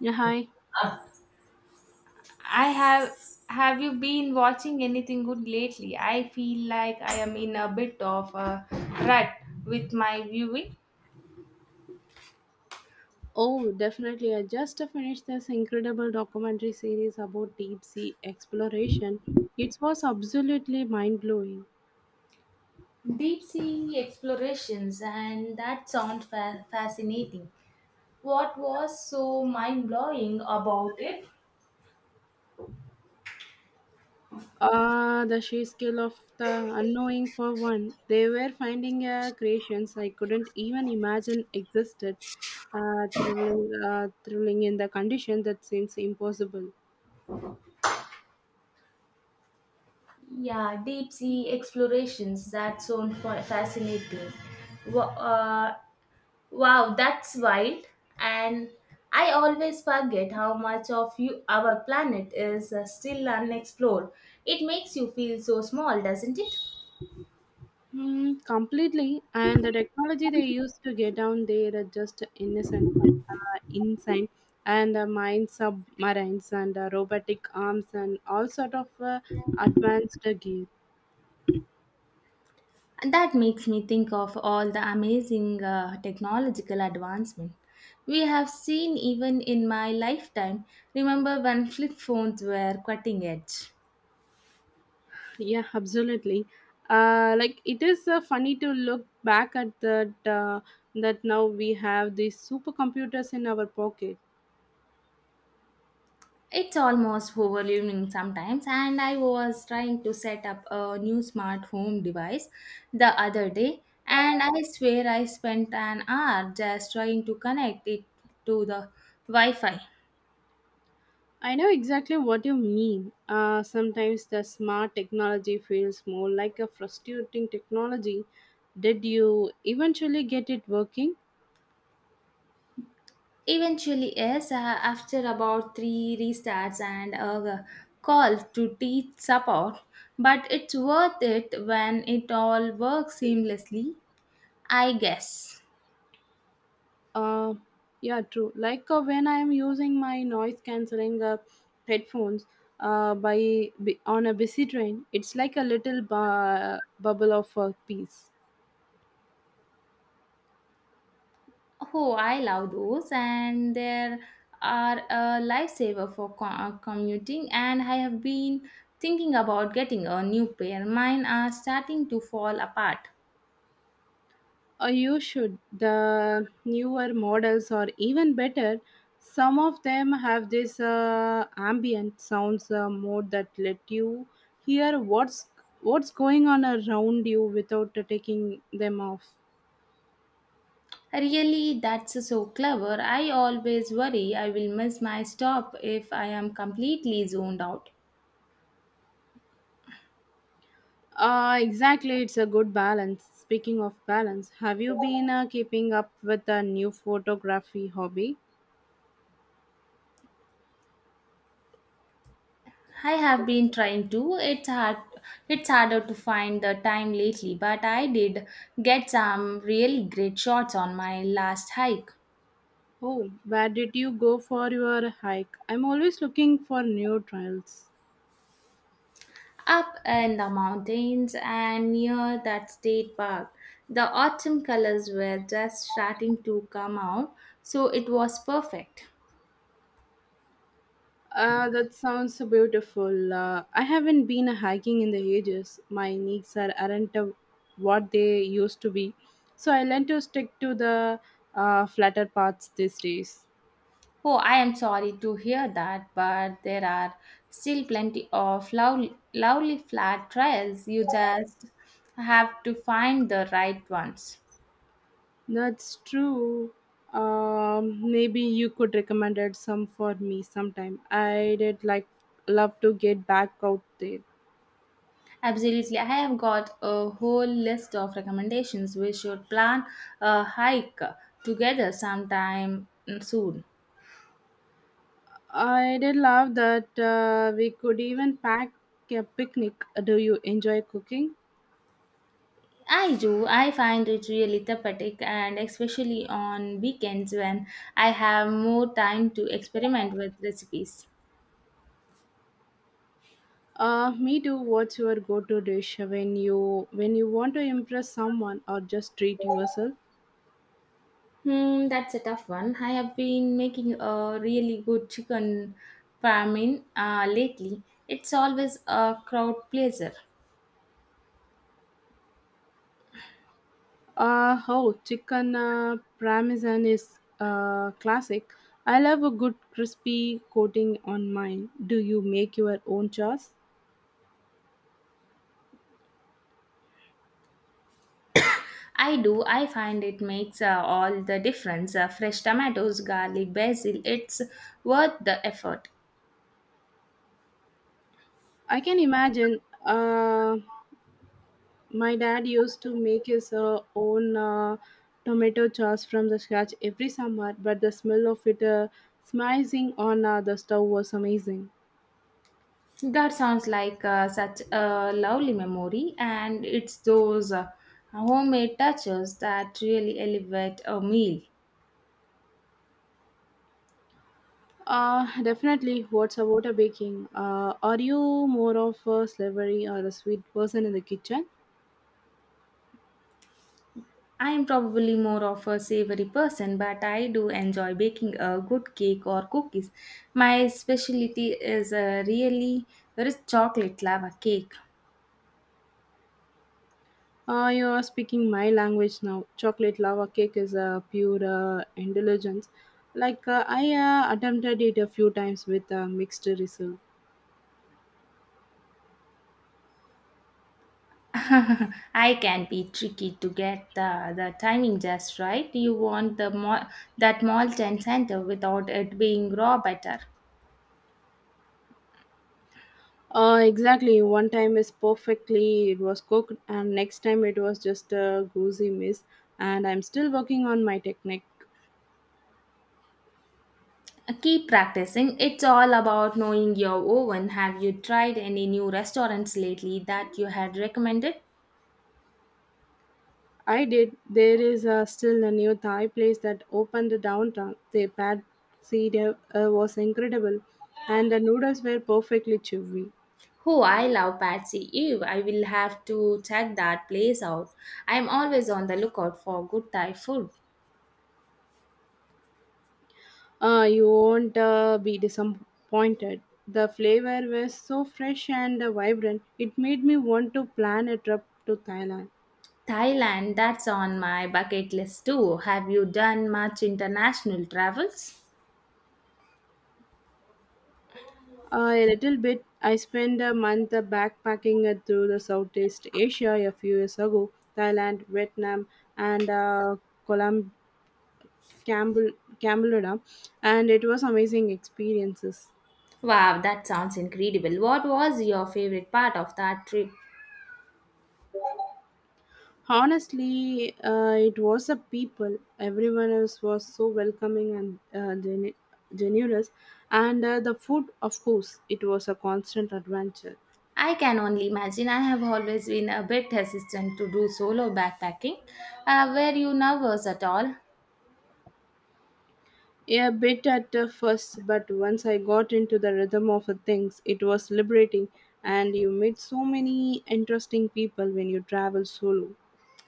Yeah, hi. I have have you been watching anything good lately? I feel like I am in a bit of a rut with my viewing. Oh, definitely. I just finished this incredible documentary series about deep sea exploration. It was absolutely mind blowing. Deep sea explorations, and that sounds fascinating. What was so mind blowing about it? Ah, the sheer scale of the unknowing for one. They were finding creations I couldn't even imagine existed. Thrilling, thrilling in the condition that seems impossible. Yeah, deep sea explorations, that sounds fascinating. Wha- Uh, Wow, that's wild. And I always forget how much of you, our planet is still unexplored. It makes you feel so small, doesn't it? Hmm, completely, and the technology they use to get down there are just innocent, insane, and mine submarines and robotic arms and all sort of advanced gear. And that makes me think of all the amazing technological advancement we have seen even in my lifetime. Remember when flip phones were cutting edge? Yeah, absolutely. Like it is funny to look back at that. That now we have these supercomputers in our pocket. It's almost overwhelming sometimes, and I was trying to set up a new smart home device the other day, and I swear I spent an hour just trying to connect it to the Wi Fi. I know exactly what you mean. Sometimes the smart technology feels more like a frustrating technology. Did you eventually get it working? Eventually, yes, after about three restarts and a call to teach support, but it's worth it when it all works seamlessly, I guess. Uh, yeah, true. Like when I am using my noise cancelling headphones on a busy train, it's like a little bubble of peace. Oh, I love those, and there are a lifesaver for commuting. And I have been thinking about getting a new pair. Mine are starting to fall apart. You should. The newer models are even better. Some of them have this ambient sounds mode that let you hear what's going on around you without taking them off. Really, that's so clever. I always worry I will miss my stop if I am completely zoned out. Exactly, it's a good balance. Speaking of balance, have you been keeping up with a new photography hobby? I have been trying to. It's hard. It's harder to find the time lately, but I did get some really great shots on my last hike. Oh, where did you go for your hike? I'm always looking for new trails. Up in the mountains and near that state park, the autumn colors were just starting to come out, so it was perfect. That sounds beautiful. I haven't been hiking in the ages. My knees aren't what they used to be, so I learned to stick to the flatter paths these days. Oh, I am sorry to hear that, but there are still plenty of lovely, lovely flat trails. You just have to find the right ones. That's true. Maybe you could recommend it some for me sometime. I did like love to get back out there. Absolutely. I have got a whole list of recommendations. We should plan a hike together sometime soon. I did love that we could even pack a picnic. Do you enjoy cooking? I do. I find it really therapeutic, and especially on weekends when I have more time to experiment with recipes. Me too. What's your go-to dish when you want to impress someone or just treat yourself? Hmm, that's a tough one. I have been making a really good chicken parmin lately. It's always a crowd pleaser. Oh, chicken parmesan is classic. I love a good crispy coating on mine. Do you make your own sauce? I do. I find it makes all the difference. Fresh tomatoes, garlic, basil. It's worth the effort. I can imagine. Uh, my dad used to make his own tomato sauce from the scratch every summer, but the smell of it smiling on the stove was amazing. That sounds like such a lovely memory, and it's those homemade touches that really elevate a meal. Definitely. What's about a baking? Are you more of a savory or a sweet person in the kitchen? I am probably more of a savory person, but I do enjoy baking a good cake or cookies. My specialty is a really rich chocolate lava cake. You are speaking my language now. Chocolate lava cake is a pure indulgence. Like I attempted it a few times with a mixed result. I can be tricky to get the timing just right. You want that malt and center without it being raw butter. Exactly. One time is perfectly it was cooked, and next time it was just a goosey miss. And I'm still working on my technique. Keep practicing. It's all about knowing your oven. Have you tried any new restaurants lately that you had recommended? I did. There is still a new Thai place that opened downtown. Their pad see was incredible, and the noodles were perfectly chewy. Oh, I love Patsy Eve. I will have to check that place out. I'm always on the lookout for good Thai food. You won't be disappointed. The flavor was so fresh and vibrant, it made me want to plan a trip to Thailand. Thailand, that's on my bucket list too. Have you done much international travels? A little bit, I spent a month backpacking through the Southeast Asia a few years ago, Thailand, Vietnam, and Colum- Cambodia, and it was amazing experiences. Wow, that sounds incredible. What was your favorite part of that trip? Honestly, it was the people. Everyone else was so welcoming and generous, and the food, of course, it was a constant adventure. I can only imagine. I have always been a bit hesitant to do solo backpacking. Were you nervous at all? Yeah, a bit at first, but once I got into the rhythm of the things, it was liberating, and you meet so many interesting people when you travel solo.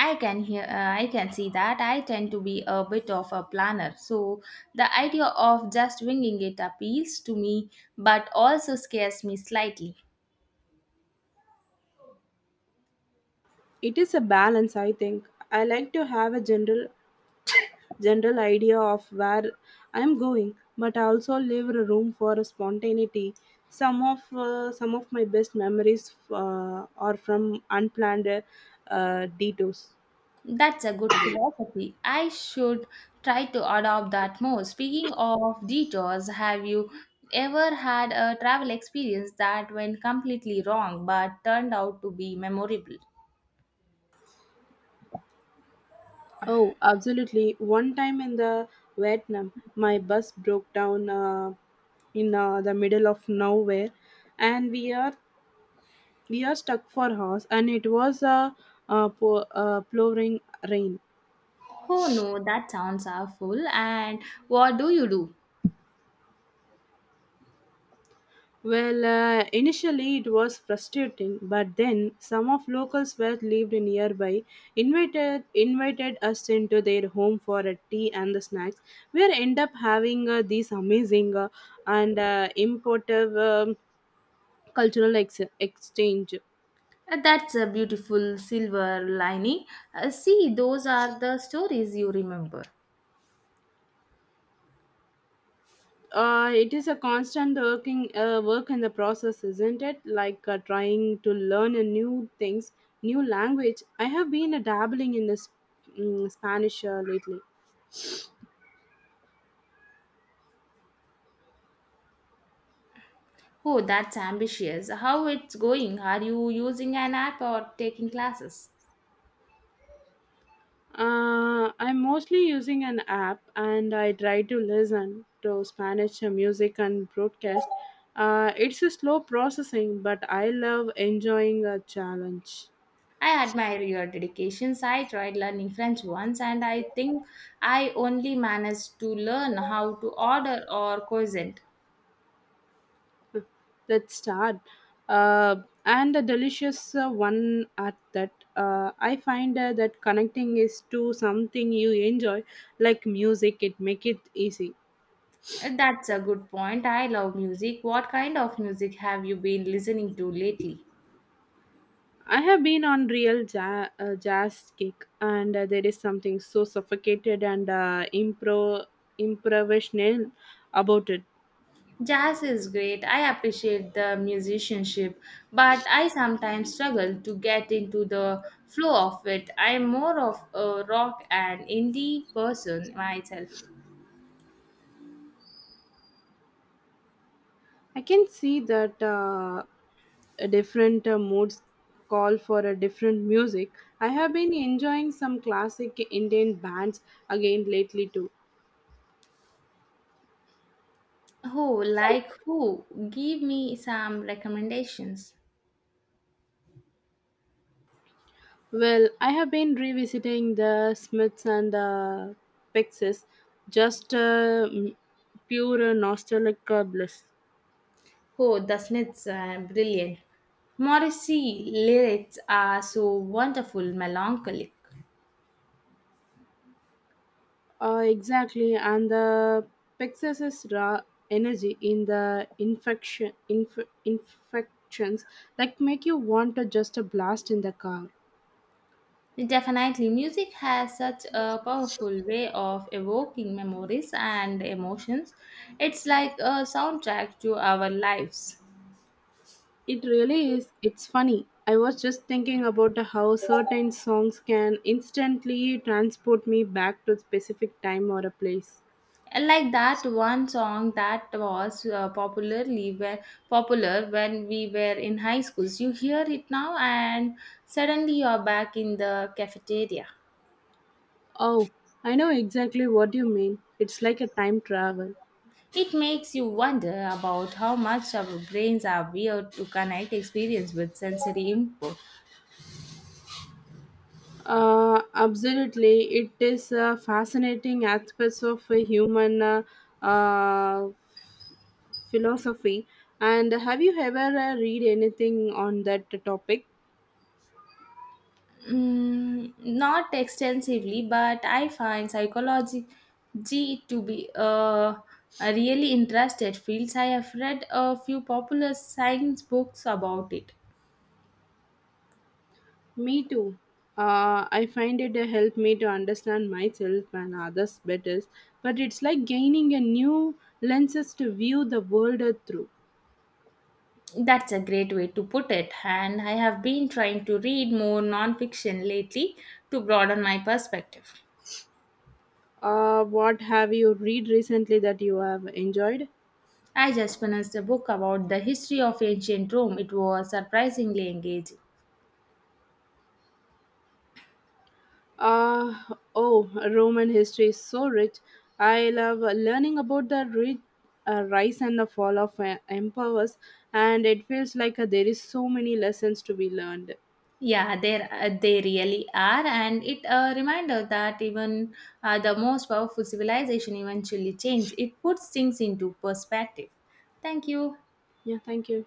I can hear. I can see that. I tend to be a bit of a planner, so the idea of just winging it appeals to me, but also scares me slightly. It is a balance, I think. I like to have a general idea of where I'm going, but I also leave a room for spontaneity. Some of my best memories are from unplanned detours. That's a good philosophy. I should try to adopt that more. Speaking of detours, have you ever had a travel experience that went completely wrong but turned out to be memorable? Oh, absolutely! One time in the Vietnam, my bus broke down in the middle of nowhere, and we are stuck for hours, and it was a uh, pouring rain. Oh no, that sounds awful. And what do you do? Well, initially it was frustrating, but then some of locals were lived nearby, invited us into their home for a tea and the snacks. We end up having these amazing and importive cultural exchange. That's a beautiful silver lining. See, those are the stories you remember. It is a constant working work in the process, isn't it? Like trying to learn a new things, new language. I have been dabbling in the Spanish lately. Oh, that's ambitious. How it's going? Are you using an app or taking classes? I'm mostly using an app and I try to listen to Spanish music and broadcast. It's a slow processing, but I love enjoying a challenge. I admire your dedications. I tried learning French once and I think I only managed to learn how to order or cuisine. Let's start. And a delicious one at that. I find that connecting is to something you enjoy, like music, it make it easy. That's a good point. I love music. What kind of music have you been listening to lately? I have been on real jazz kick, and there is something so suffocated and improvisational about it. Jazz is great. I appreciate the musicianship, but I sometimes struggle to get into the flow of it. I'm more of a rock and indie person myself. I can see that, a different moods call for a different music. I have been enjoying some classic Indian bands again lately too. Oh, like who? Give me some recommendations. Well, I have been revisiting the Smiths and the Pixies, just pure nostalgic bliss. Oh, the Smiths are brilliant. Morrissey lyrics are so wonderful, melancholic. Exactly, and the Pegasus raw energy in the infections like make you want to just a blast in the car. Definitely, music has such a powerful way of evoking memories and emotions. It's like a soundtrack to our lives. It really is. It's funny. I was just thinking about how certain songs can instantly transport me back to a specific time or a place. Like that one song that was popular when we were in high schools. You hear it now and suddenly you're back in the cafeteria. Oh, I know exactly what you mean. It's like a time travel. It makes you wonder about how much our brains are weird to connect experience with sensory input. Absolutely, it is a fascinating aspects of a human uh, philosophy. And have you ever read anything on that topic? Mm, not extensively, but I find psychology to be a really interested field. I have read a few popular science books about it. Me too. I find it help me to understand myself and others better. But it's like gaining a new lenses to view the world through. That's a great way to put it, and I have been trying to read more nonfiction lately to broaden my perspective. What have you read recently that you have enjoyed? I just finished a book about the history of ancient Rome. It was surprisingly engaging. Uh, oh, Roman history is so rich. I love learning about the rise and the fall of empires, and it feels like there is so many lessons to be learned. Yeah, there they really are, and it a reminder that even the most powerful civilization eventually change. It puts things into perspective. Thank you. Yeah, thank you.